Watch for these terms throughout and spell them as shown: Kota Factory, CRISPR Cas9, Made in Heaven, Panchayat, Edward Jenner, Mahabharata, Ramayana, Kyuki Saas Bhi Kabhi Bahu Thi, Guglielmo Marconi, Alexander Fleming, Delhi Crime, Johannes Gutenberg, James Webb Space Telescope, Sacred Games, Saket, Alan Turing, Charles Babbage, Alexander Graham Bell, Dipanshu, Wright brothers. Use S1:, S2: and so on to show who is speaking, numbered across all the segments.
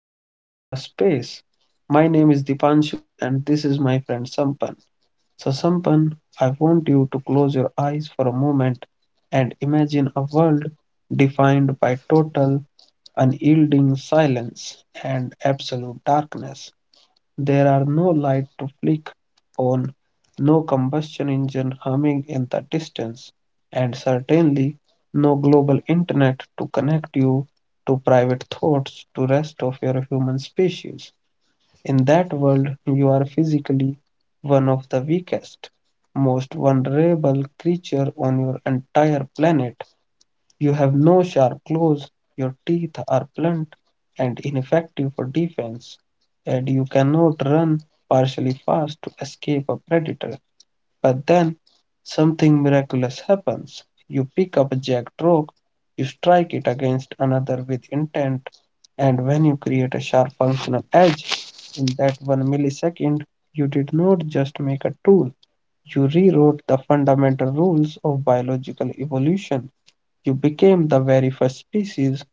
S1: to our podcast space. My name is Dipanshu, and this is my friend Sampan. So, Sampan, I want you to close your eyes for a moment and imagine a world defined by total, unyielding silence and absolute darkness. There are no lights to flick on, no combustion engine humming in the distance, and certainly no global internet to connect you to private thoughts to rest of your human species. In that world, you are physically one of the weakest, most vulnerable creature on your entire planet. You have no sharp claws, your teeth are blunt and ineffective for defense, and you cannot run partially fast to escape a predator. But then something miraculous happens. You pick up a jagged rock, you strike it against another with intent, and when you create a sharp functional edge in that one millisecond, you did not just make a tool, you rewrote the fundamental rules of biological evolution. You became the very first species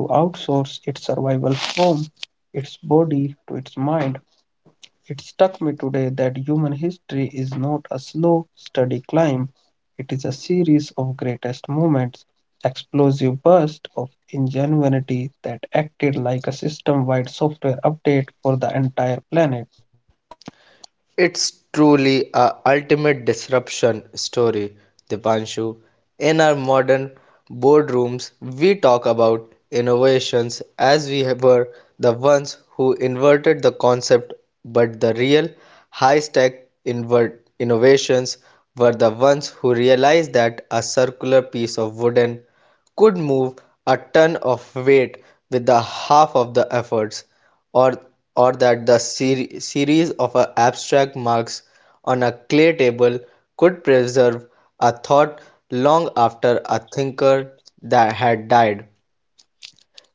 S1: to outsource its survival home, its body, to its mind. It struck me today that human history is not a slow, steady climb. It is a series of greatest moments, explosive bursts of ingenuity that acted like a system wide software update for the entire planet.
S2: It's truly a ultimate disruption story, Dipanshu. In our modern boardrooms, we talk about innovations as we were the ones who inverted the concept, but the real high-tech invert innovations were the ones who realized that a circular piece of wooden could move a ton of weight with the half of the efforts or that the series of abstract marks on a clay table could preserve a thought long after a thinker that had died.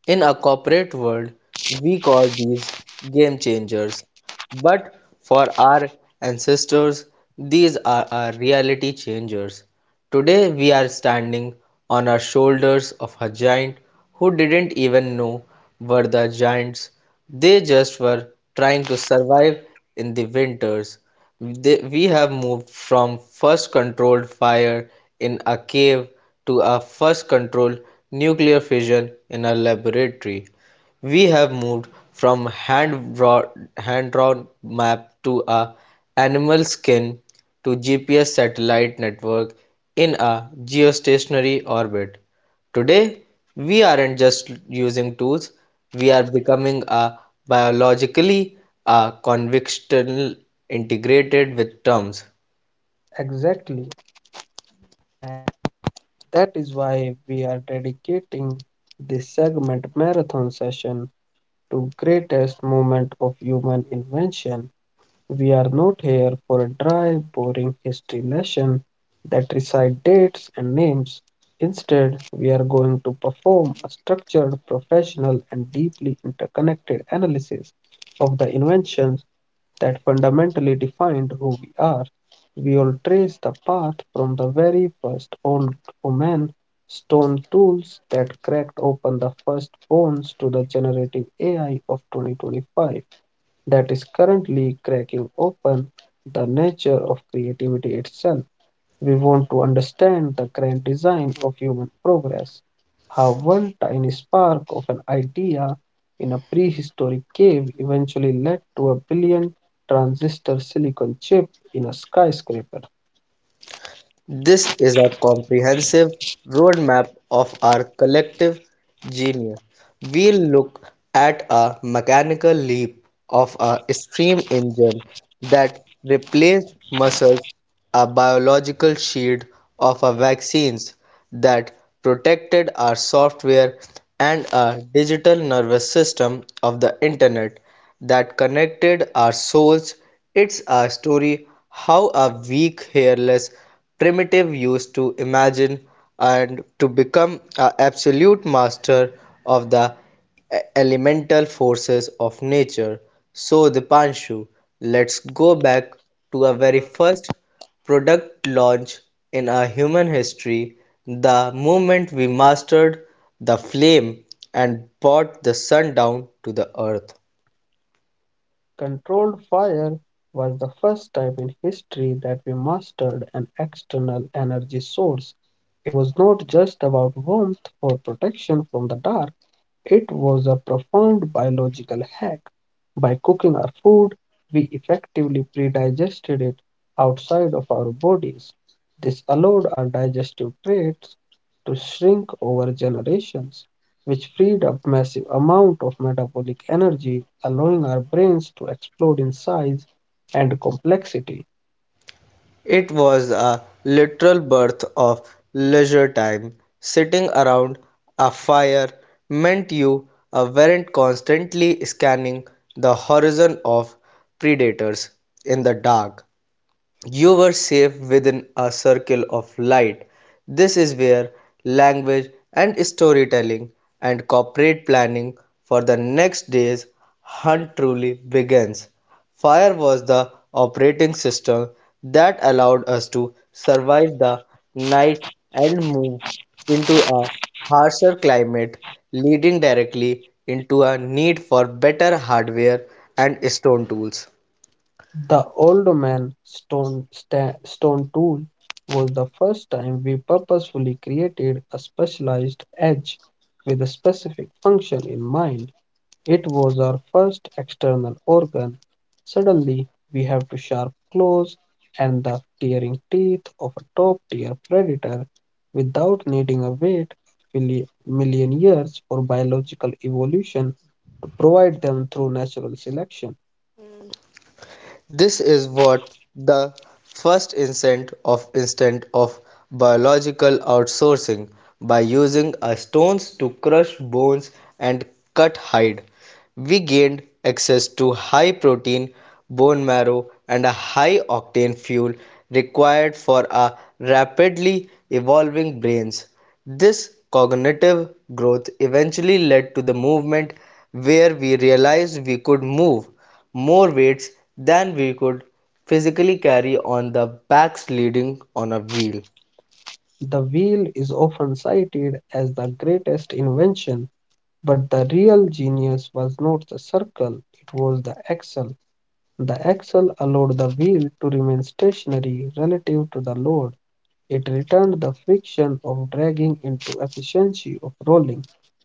S2: In a corporate world, we call these game changers, but for our ancestors, these are our reality changers. Today, we are standing on our shoulders of a giant who didn't even know were the giants. They just were trying to survive in the winters. We have moved from first controlled fire in a cave to a first controlled nuclear fission in a laboratory. We have moved from hand drawn map to a animal skin to GPS satellite network in a geostationary orbit. Today, we aren't just using tools, we are becoming a biologically a convictional integrated with terms.
S1: Exactly. That is why we are dedicating this segment marathon session to greatest moment of human invention. We are not here for a dry, boring history lesson that recite dates and names. Instead, we are going to perform a structured, professional, and deeply interconnected analysis of the inventions that fundamentally defined who we are. We all trace the path from the very first old woman stone tools that cracked open the first bones to the generative AI of 2025 that is currently cracking open the nature of creativity itself. We want to understand the grand design of human progress, how one tiny spark of an idea in a prehistoric cave eventually led to a billion transistor silicon chip in a skyscraper.
S2: This is a comprehensive roadmap of our collective genius. We'll look at a mechanical leap of a steam engine that replaced muscles, a biological shield of a vaccines that protected our software, and our digital nervous system of the internet that connected our souls. It's a story how a weak hairless primitive used to imagine and to become an absolute master of the elemental forces of nature. So, Dipanshu, let's go back to our very first product launch in our human history, the moment we mastered the flame and brought the sun down to the earth.
S1: Controlled fire was the first time in history that we mastered an external energy source. It was not just about warmth or protection from the dark. It was a profound biological hack. By cooking our food, we effectively pre-digested it outside of our bodies. This allowed our digestive traits to shrink over generations, which freed up massive amount of metabolic energy, allowing our brains to explode in size and complexity.
S2: It was a literal birth of leisure time. Sitting around a fire meant you weren't constantly scanning the horizon of predators in the dark. You were safe within a circle of light. This is where language and storytelling and corporate planning for the next day's hunt truly begins. Fire was the operating system that allowed us to survive the night and move into a harsher climate, leading directly into a need for better hardware and stone tools.
S1: The old man stone, stone tool was the first time we purposefully created a specialized edge with a specific function in mind. It was our first external organ. Suddenly, we have to sharp claws and the tearing teeth of a top tier predator without needing a wait a million years for biological evolution to provide them through natural selection.
S2: This is what the first instance of biological outsourcing by using a stones to crush bones and cut hide we gained access to high protein bone marrow and a high octane fuel required for our rapidly evolving brains. This cognitive growth eventually led to the movement where we realized we could move more weights than we could physically carry on the backs leading on a wheel.
S1: The wheel is often cited as the greatest invention, but the real genius was not the circle, it was the axle. The axle allowed the wheel to remain stationary relative to the load. It returned the friction of dragging into efficiency of rolling.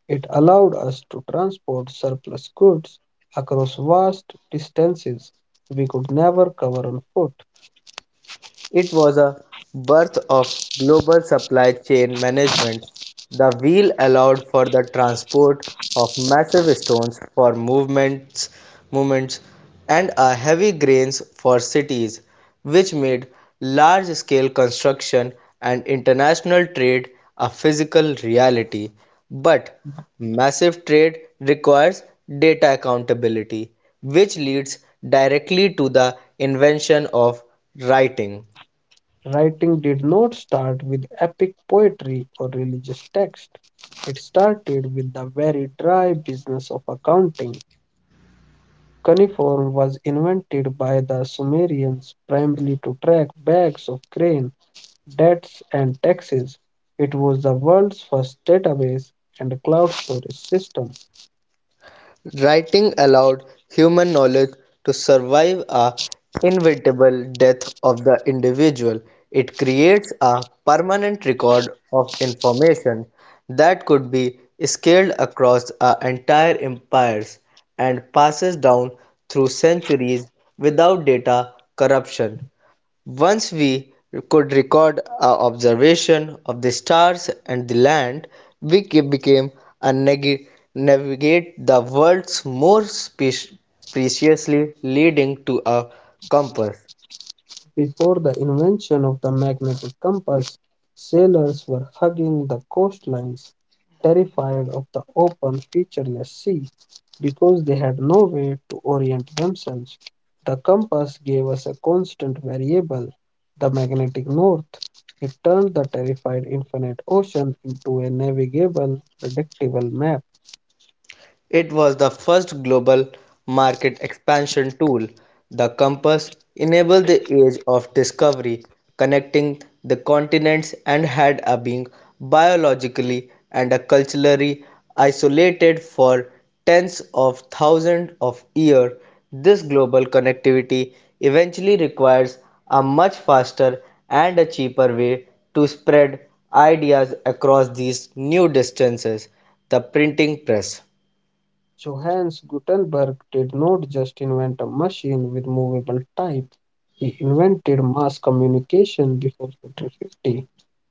S1: It allowed us to transport surplus goods across vast distances we could never cover on foot.
S2: It was a birth of global supply chain management. The wheel allowed for the transport of massive stones for movements and heavy grains for cities, which made large-scale construction and international trade a physical reality. But massive trade requires data accountability, which leads directly to the invention of writing.
S1: Writing did not start with epic poetry or religious text. It started with the very dry business of accounting. Cuneiform was invented by the Sumerians primarily to track bags of grain, debts, and taxes. It was the world's first database and cloud storage system.
S2: Writing allowed human knowledge to survive a inevitable death of the individual. It creates a permanent record of information that could be scaled across a entire empires and passes down through centuries without data corruption. Once we could record our observation of the stars and the land, we became a navigate the worlds more preciously leading to a compass.
S1: Before the invention of the magnetic compass, sailors were hugging the coastlines, terrified of the open, featureless sea, because they had no way to orient themselves. The compass gave us a constant variable, the magnetic north. It turned the terrified infinite ocean into a navigable, predictable map.
S2: It was the first global market expansion tool, the compass enabled the age of discovery, connecting the continents and had a being biologically and a culturally isolated for tens of thousands of years. This global connectivity eventually requires a much faster and a cheaper way to spread ideas across these new distances, the printing press.
S1: Johannes Gutenberg did not just invent a machine with movable type, he invented mass communication before 1450.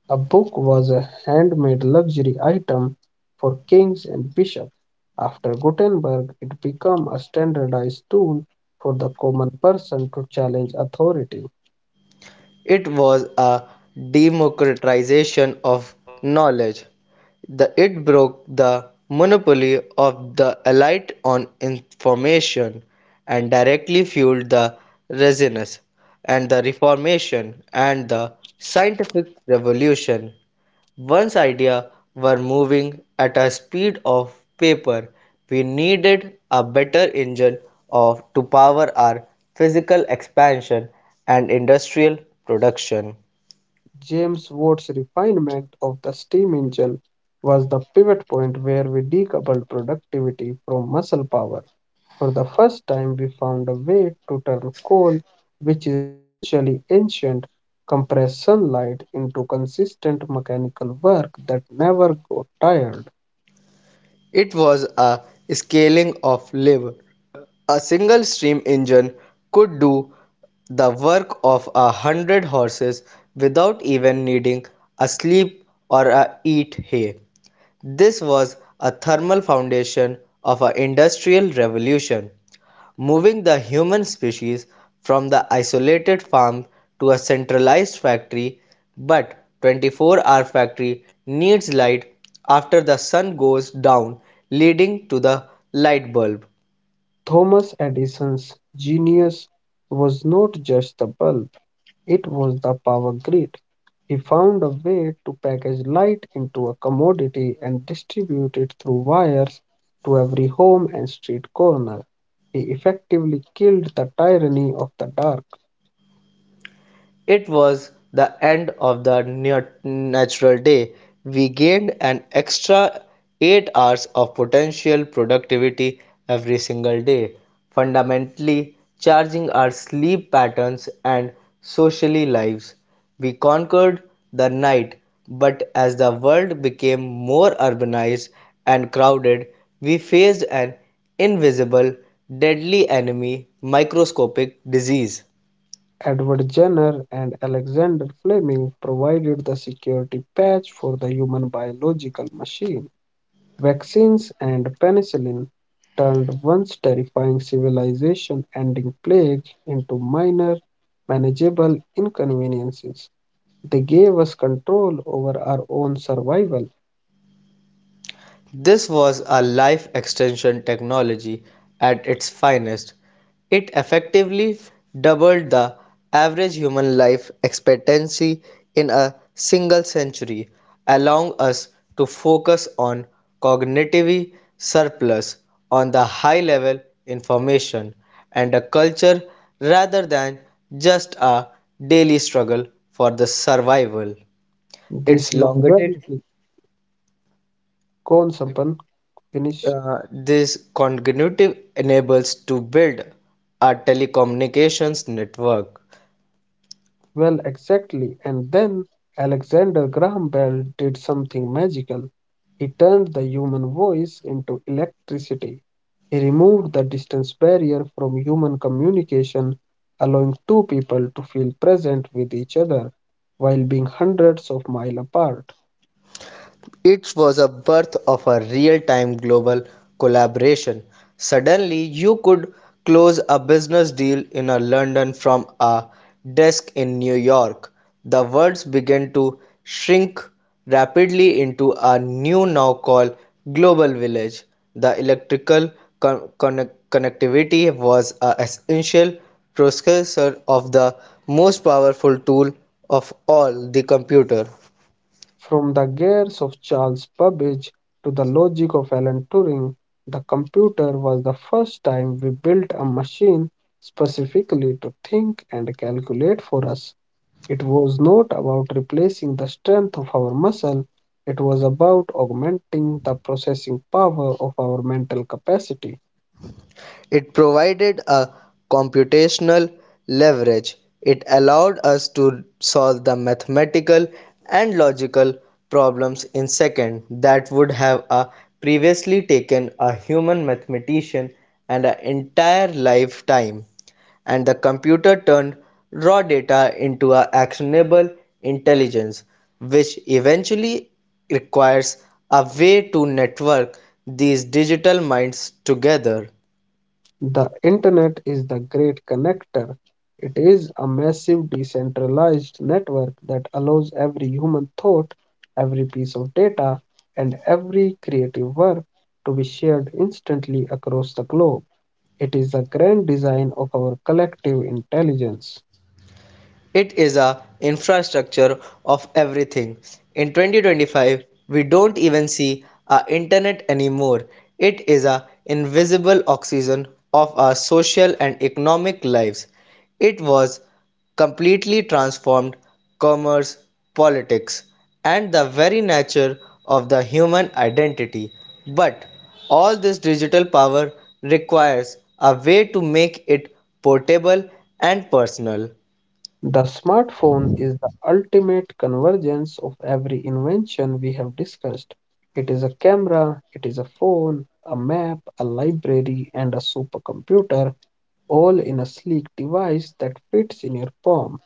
S1: A book was a handmade luxury item for kings and bishops. After Gutenberg, it became a standardized tool for the common person to challenge authority.
S2: It was a democratization of knowledge; the it broke the monopoly of the elite on information, and directly fueled the Renaissance and the Reformation and the scientific revolution. Once ideas were moving at a speed of paper, we needed a better engine of to power our physical expansion and industrial production.
S1: James Watt's refinement of the steam engine was the pivot point where we decoupled productivity from muscle power. For the first time, we found a way to turn coal, which is essentially ancient, compressed sunlight into consistent mechanical work that never got tired.
S2: It was a scaling of labor. A single steam engine could do the work of 100 horses without even needing a sleep or a eat hay. This was a thermal foundation of an industrial revolution, moving the human species from the isolated farm to a centralized factory, but 24-hour factory needs light after the sun goes down, leading to the light bulb.
S1: Thomas Edison's genius was not just the bulb, it was the power grid. He found a way to package light into a commodity and distribute it through wires to every home and street corner. He effectively killed the tyranny of the dark.
S2: It was the end of the natural day. We gained an extra 8 hours of potential productivity every single day, fundamentally changing our sleep patterns and socially lives. We conquered the night, but as the world became more urbanized and crowded, we faced an invisible, deadly enemy, microscopic disease.
S1: Edward Jenner and Alexander Fleming provided the security patch for the human biological machine. Vaccines and penicillin turned once terrifying civilization ending plague into minor, manageable inconveniences. They gave us control over our own survival.
S2: This was a life extension technology at its finest; it effectively doubled the average human life expectancy in a single century, allowing us to focus on cognitive surplus on the high level information and a culture rather than just a daily struggle for the survival. It's
S1: This
S2: longevity.
S1: longevity, con finish.
S2: This cognitive enables to build a telecommunications network.
S1: Well, exactly. And then Alexander Graham Bell did something magical. He turned the human voice into electricity. He removed the distance barrier from human communication, allowing two people to feel present with each other while being hundreds of miles apart.
S2: It was a birth of a real-time global collaboration. Suddenly you could close a business deal in a London from a desk in New York. The worlds began to shrink rapidly into a new now called global village. The electrical connectivity was a essential precursor of the most powerful tool of all, the computer.
S1: From the gears of Charles Babbage to the logic of Alan Turing, the computer was the first time we built a machine specifically to think and calculate for us. It was not about replacing the strength of our muscle, it was about augmenting the processing power of our mental capacity.
S2: It provided a computational leverage; it allowed us to solve the mathematical and logical problems in seconds that would have a previously taken a human mathematician an entire lifetime. And the computer turned raw data into a actionable intelligence, which eventually requires a way to network these digital minds together.
S1: The internet is the great connector. It is a massive decentralized network that allows every human thought, every piece of data, and every creative work to be shared instantly across the globe. It is the grand design of our collective intelligence.
S2: It is a infrastructure of everything. In 2025, we don't even see our internet anymore. It is a invisible oxygen of our social and economic lives. It was completely transformed commerce, politics, and the very nature of the human identity, but all this digital power requires a way to make it portable and personal.
S1: The smartphone is the ultimate convergence of every invention we have discussed. It is a camera, it is a phone, a map, a library, and a supercomputer all in a sleek device that fits in your palm.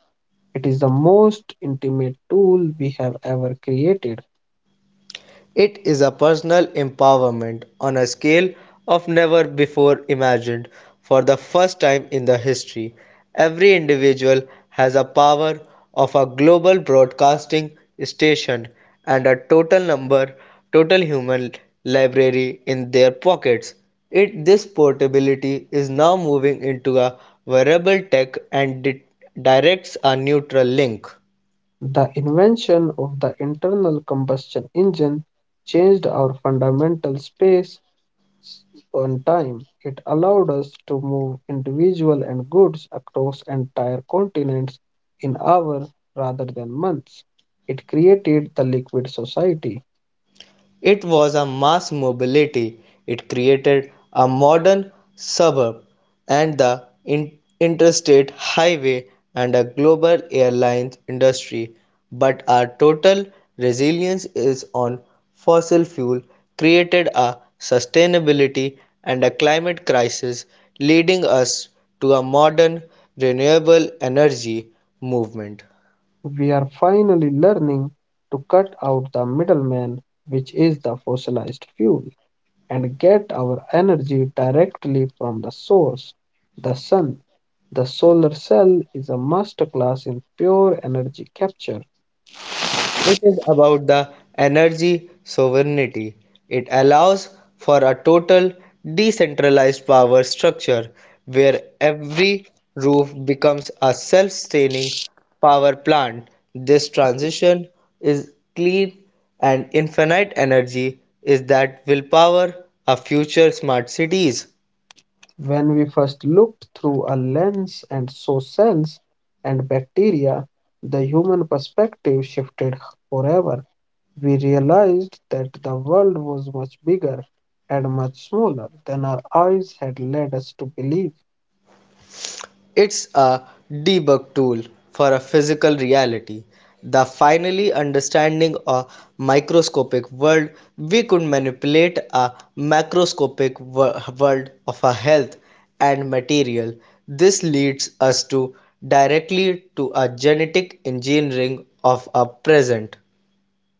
S1: It is the most intimate tool we have ever created.
S2: It is a personal empowerment on a scale of never before imagined. For the first time in the history, every individual has a power of a global broadcasting station and a total number total human library in their pockets. It this portability is now moving into a wearable tech and directs a neutral link.
S1: The invention of the internal combustion engine changed our fundamental space s- and time. It allowed us to move individual and goods across entire continents in hours rather than months. It created the liquid society.
S2: It was a mass mobility, it created a modern suburb and the interstate highway and a global airlines industry, but our total resilience is on fossil fuel created a sustainability and a climate crisis, leading us to a modern renewable energy movement.
S1: We are finally learning to cut out the middleman, which is the fossilized fuel, and get our energy directly from the source, the sun. The solar cell is a masterclass in pure energy capture.
S2: It is about the energy sovereignty. It allows for a total decentralized power structure where every roof becomes a self-sustaining power plant. This transition is clean and infinite energy is that will power a future smart cities.
S1: When we first looked through a lens and saw cells and bacteria, the human perspective shifted forever. We realized that the world was much bigger and much smaller than our eyes had led us to believe.
S2: It's a debug tool for a physical reality, the finally understanding a microscopic world we could manipulate a macroscopic world of our health and material. This leads us to directly to a genetic engineering of our present.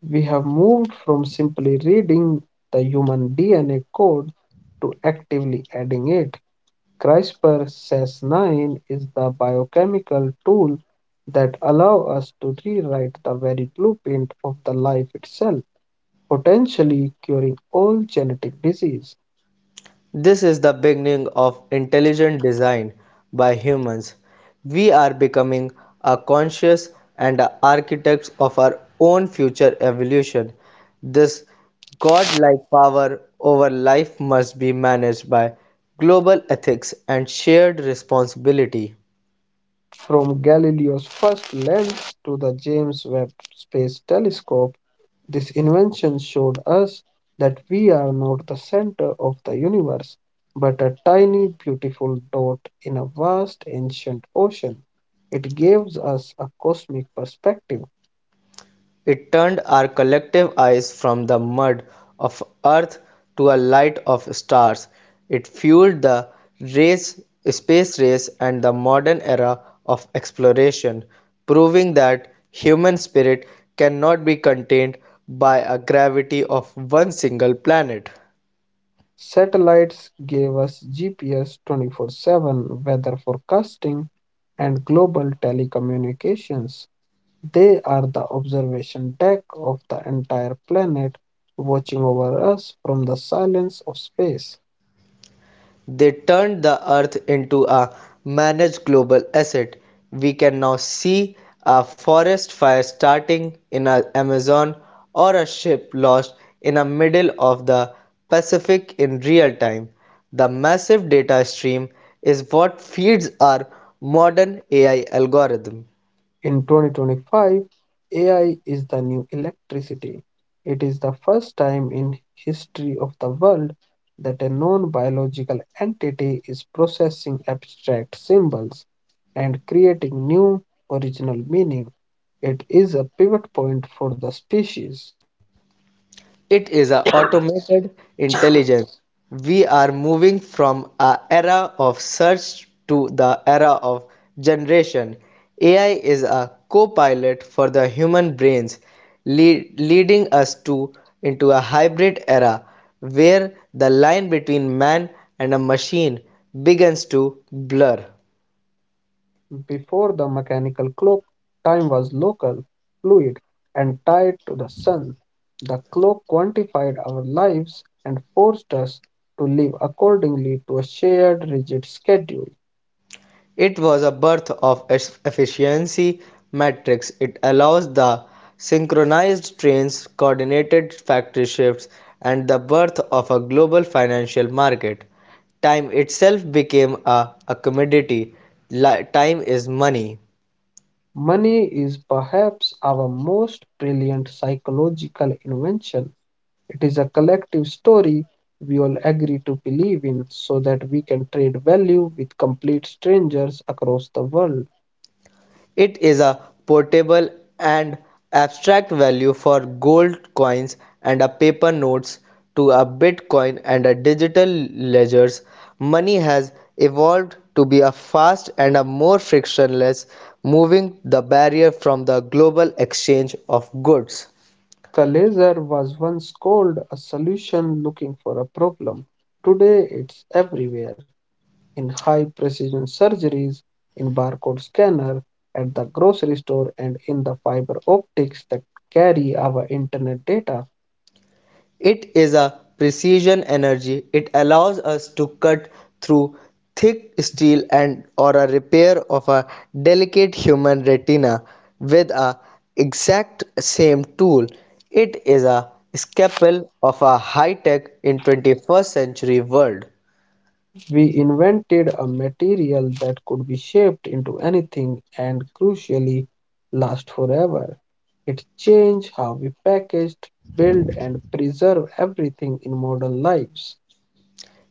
S1: We have moved from simply reading the human DNA code to actively adding it. CRISPR Cas9 is the biochemical tool that allows us to rewrite the very blueprint of the life itself, potentially curing all genetic disease.
S2: This is the beginning of intelligent design by humans. We are becoming a conscious and a architects of our own future evolution. This godlike power over life must be managed by global ethics and shared responsibility.
S1: From Galileo's first lens to the James Webb Space Telescope, this invention showed us that we are not the center of the universe, but a tiny, beautiful dot in a vast, ancient ocean. It gives us a cosmic perspective.
S2: It turned our collective eyes from the mud of Earth to a light of stars. It fueled the race, space race and the modern era of exploration, proving that human spirit cannot be contained by a gravity of one single planet.
S1: Satellites gave us GPS 24/7 weather forecasting and global telecommunications. They are the observation deck of the entire planet, watching over us from the silence of space.
S2: They turned the Earth into a managed global asset. We can now see a forest fire starting in the Amazon or a ship lost in the middle of the Pacific in real time. The massive data stream is what feeds our modern AI algorithm.
S1: In 2025, AI is the new electricity. It is the first time in history of the world that a non-biological entity is processing abstract symbols and creating new original meaning. It is a pivot point for the species.
S2: It is a automated intelligence. We are moving from a era of search to the era of generation. AI is a co-pilot for the human brains, leading us to into a hybrid era where the line between man and a machine begins to blur.
S1: Before the mechanical clock, time was local, fluid, and tied to the sun. The clock quantified our lives and forced us to live accordingly to a shared, rigid schedule.
S2: It was a birth of efficiency matrix, it allows the synchronized trains, coordinated factory shifts and the birth of a global financial market. Time itself became a commodity. Time is money.
S1: Money is perhaps our most brilliant psychological invention. It is a collective story we all agree to believe in so that we can trade value with complete strangers across the world.
S2: It is a portable and abstract value for gold coins and a paper notes to a Bitcoin and a digital ledgers. Money has evolved to be a fast and a more frictionless moving the barrier from the global exchange of goods.
S1: The laser was once called a solution looking for a problem. Today it's everywhere in high precision surgeries, in barcode scanner, at the grocery store, and in the fiber optics that carry our internet data.
S2: It is a precision energy. It allows us to cut through thick steel and or a repair of a delicate human retina with a exact same tool. It is a scalpel of a high-tech in 21st century world.
S1: We invented a material that could be shaped into anything and crucially last forever. It changed how we packaged, build, and preserve everything in modern lives.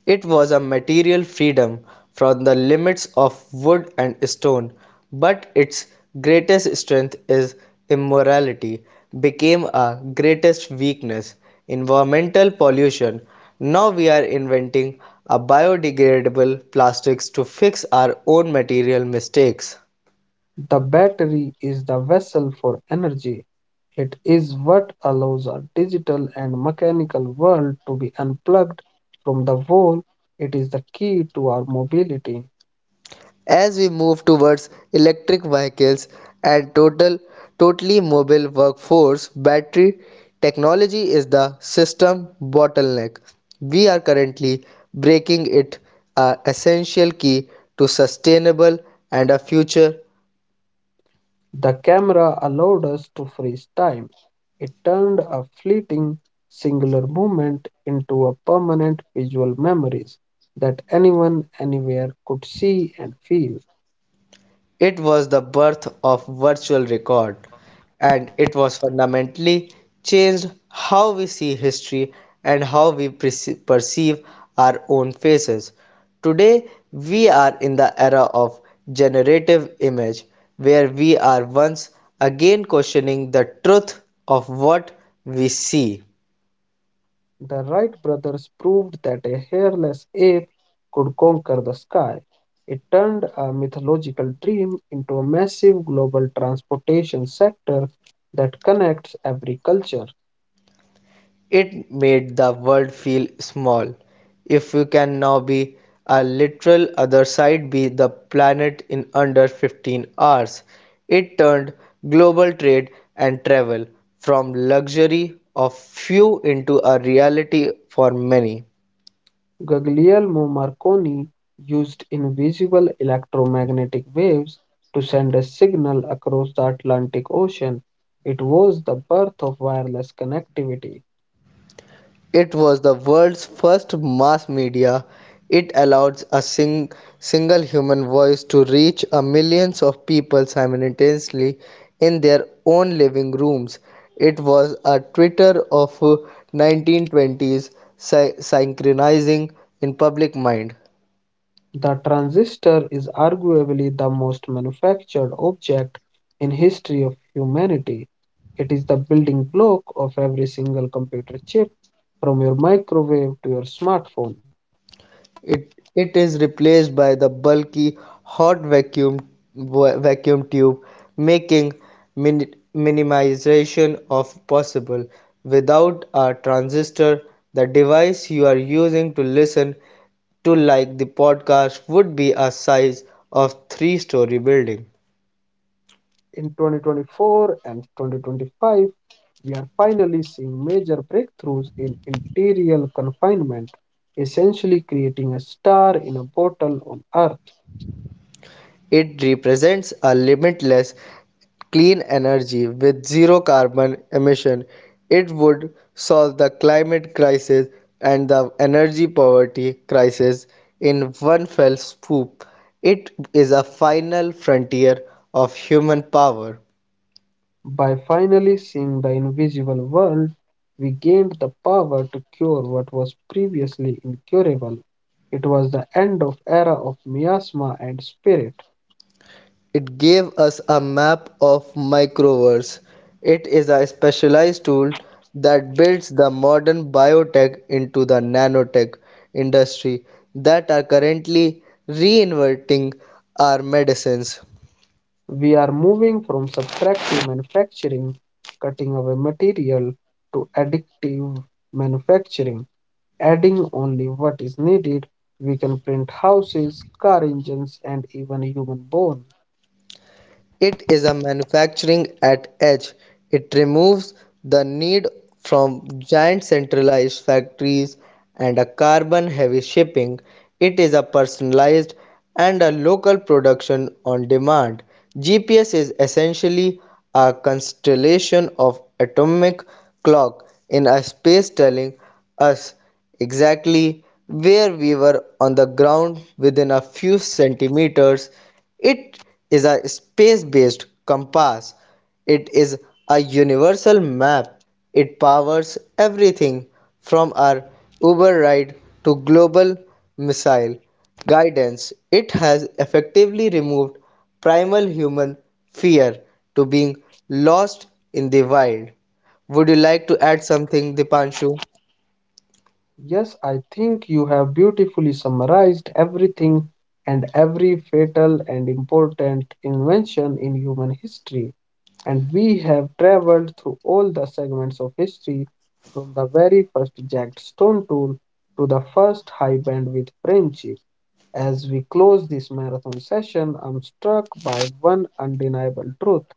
S2: It was a material freedom from the limits of wood and stone, but its greatest strength is immorality became our greatest weakness. Environmental pollution. Now we are inventing a biodegradable plastics to fix our own material mistakes.
S1: The battery is the vessel for energy. It is what allows our digital and mechanical world to be unplugged from the wall. It is the key to our mobility.
S2: As we move towards electric vehicles and totally mobile workforce, battery technology is the system bottleneck. We are currently breaking it a essential key to sustainable and a future.
S1: The camera allowed us to freeze time. It turned a fleeting, singular moment into a permanent visual memories that anyone, anywhere could see and feel.
S2: It was the birth of virtual record, and it was fundamentally changed how we see history and how we perceive our own faces. Today, we are in the era of generative image, where we are once again questioning the truth of what we see.
S1: The Wright brothers proved that a hairless ape could conquer the sky. It turned a mythological dream into a massive global transportation sector that connects every culture.
S2: It made the world feel small. If you can now be a literal other side be the planet in under 15 hours. It turned global trade and travel from luxury of few into a reality for many.
S1: Guglielmo Marconi used invisible electromagnetic waves to send a signal across the Atlantic Ocean. It was the birth of wireless connectivity.
S2: It was the world's first mass media; it allowed a single human voice to reach a millions of people simultaneously in their own living rooms. It was a Twitter of 1920s, synchronizing in public mind.
S1: The transistor is arguably the most manufactured object in history of humanity. It is the building block of every single computer chip from your microwave to your smartphone.
S2: It is replaced by the bulky hot vacuum vacuum tube, making minimization of possible. Without a transistor, the device you are using to listen to like the podcast would be a size of three-story building.
S1: In 2024 and 2025, we are finally seeing major breakthroughs in interior confinement, essentially creating a star in a bottle on Earth.
S2: It represents a limitless clean energy with zero carbon emission, it would solve the climate crisis and the energy poverty crisis in one fell swoop. It is a final frontier of human power.
S1: By finally seeing the invisible world, we gained the power to cure what was previously incurable. It was the end of era of miasma and spirit.
S2: It gave us a map of microverse. It is a specialized tool that builds the modern biotech into the nanotech industry that are currently reinventing our medicines.
S1: We are moving from subtractive manufacturing, cutting away material, to addictive manufacturing, adding only what is needed. We can print houses, car engines, and even human bone.
S2: It is a manufacturing at edge. It removes the need from giant centralized factories and a carbon heavy shipping. It is a personalized and a local production on demand. GPS is essentially a constellation of atomic clock in a space telling us exactly where we were on the ground within a few centimeters. It is a space-based compass. It is a universal map. It powers everything from our Uber ride to global missile guidance. It has effectively removed primal human fear to being lost in the wild. Would you like to add something, Dipanshu?
S1: Yes, I think you have beautifully summarized everything and every fatal and important invention in human history. And we have traveled through all the segments of history from the very first jagged stone tool to the first high bandwidth friendship. As we close this marathon session, I'm struck by one undeniable truth.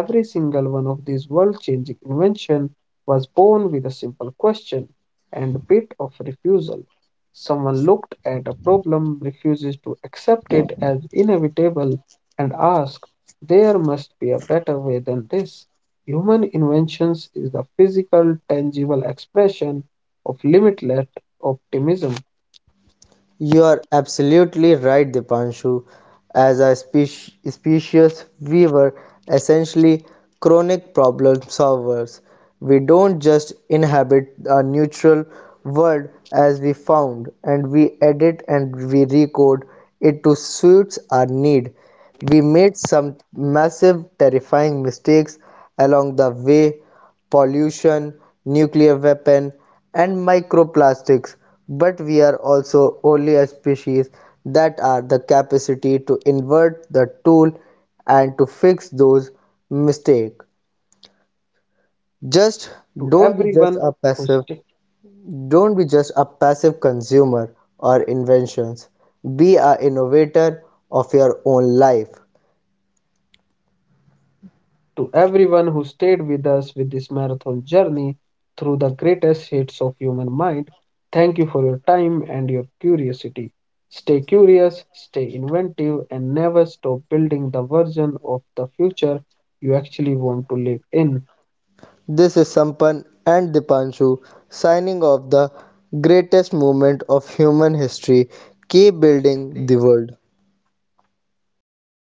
S1: Every single one of these world changing inventions was born with a simple question and a bit of refusal. Someone looked at a problem, refuses to accept it as inevitable, and asked, there must be a better way than this. Human inventions is the physical, tangible expression of limitless optimism.
S2: You are absolutely right, Dipanshu. As a species, we were essentially chronic problem solvers. We don't just inhabit a neutral world as we found, and we edit and we recode it to suit our need. We made some massive, terrifying mistakes along the way, pollution, nuclear weapon, and microplastics. But we are also only a species that are the capacity to invert the tool and to fix those mistakes. Just
S1: to
S2: don't be just
S1: everyone
S2: a
S1: who
S2: passive
S1: st-
S2: don't be just a passive consumer or inventions. Be a innovator of your own life.
S1: to everyone who stayed with us with this marathon journey through the greatest hits of human mind. Thank you for your time and your curiosity. Stay curious, stay inventive, and never stop building the version of the future you actually want to live in.
S2: This is Sampan and Dipanshu signing off the greatest moment of human history. Keep building the world.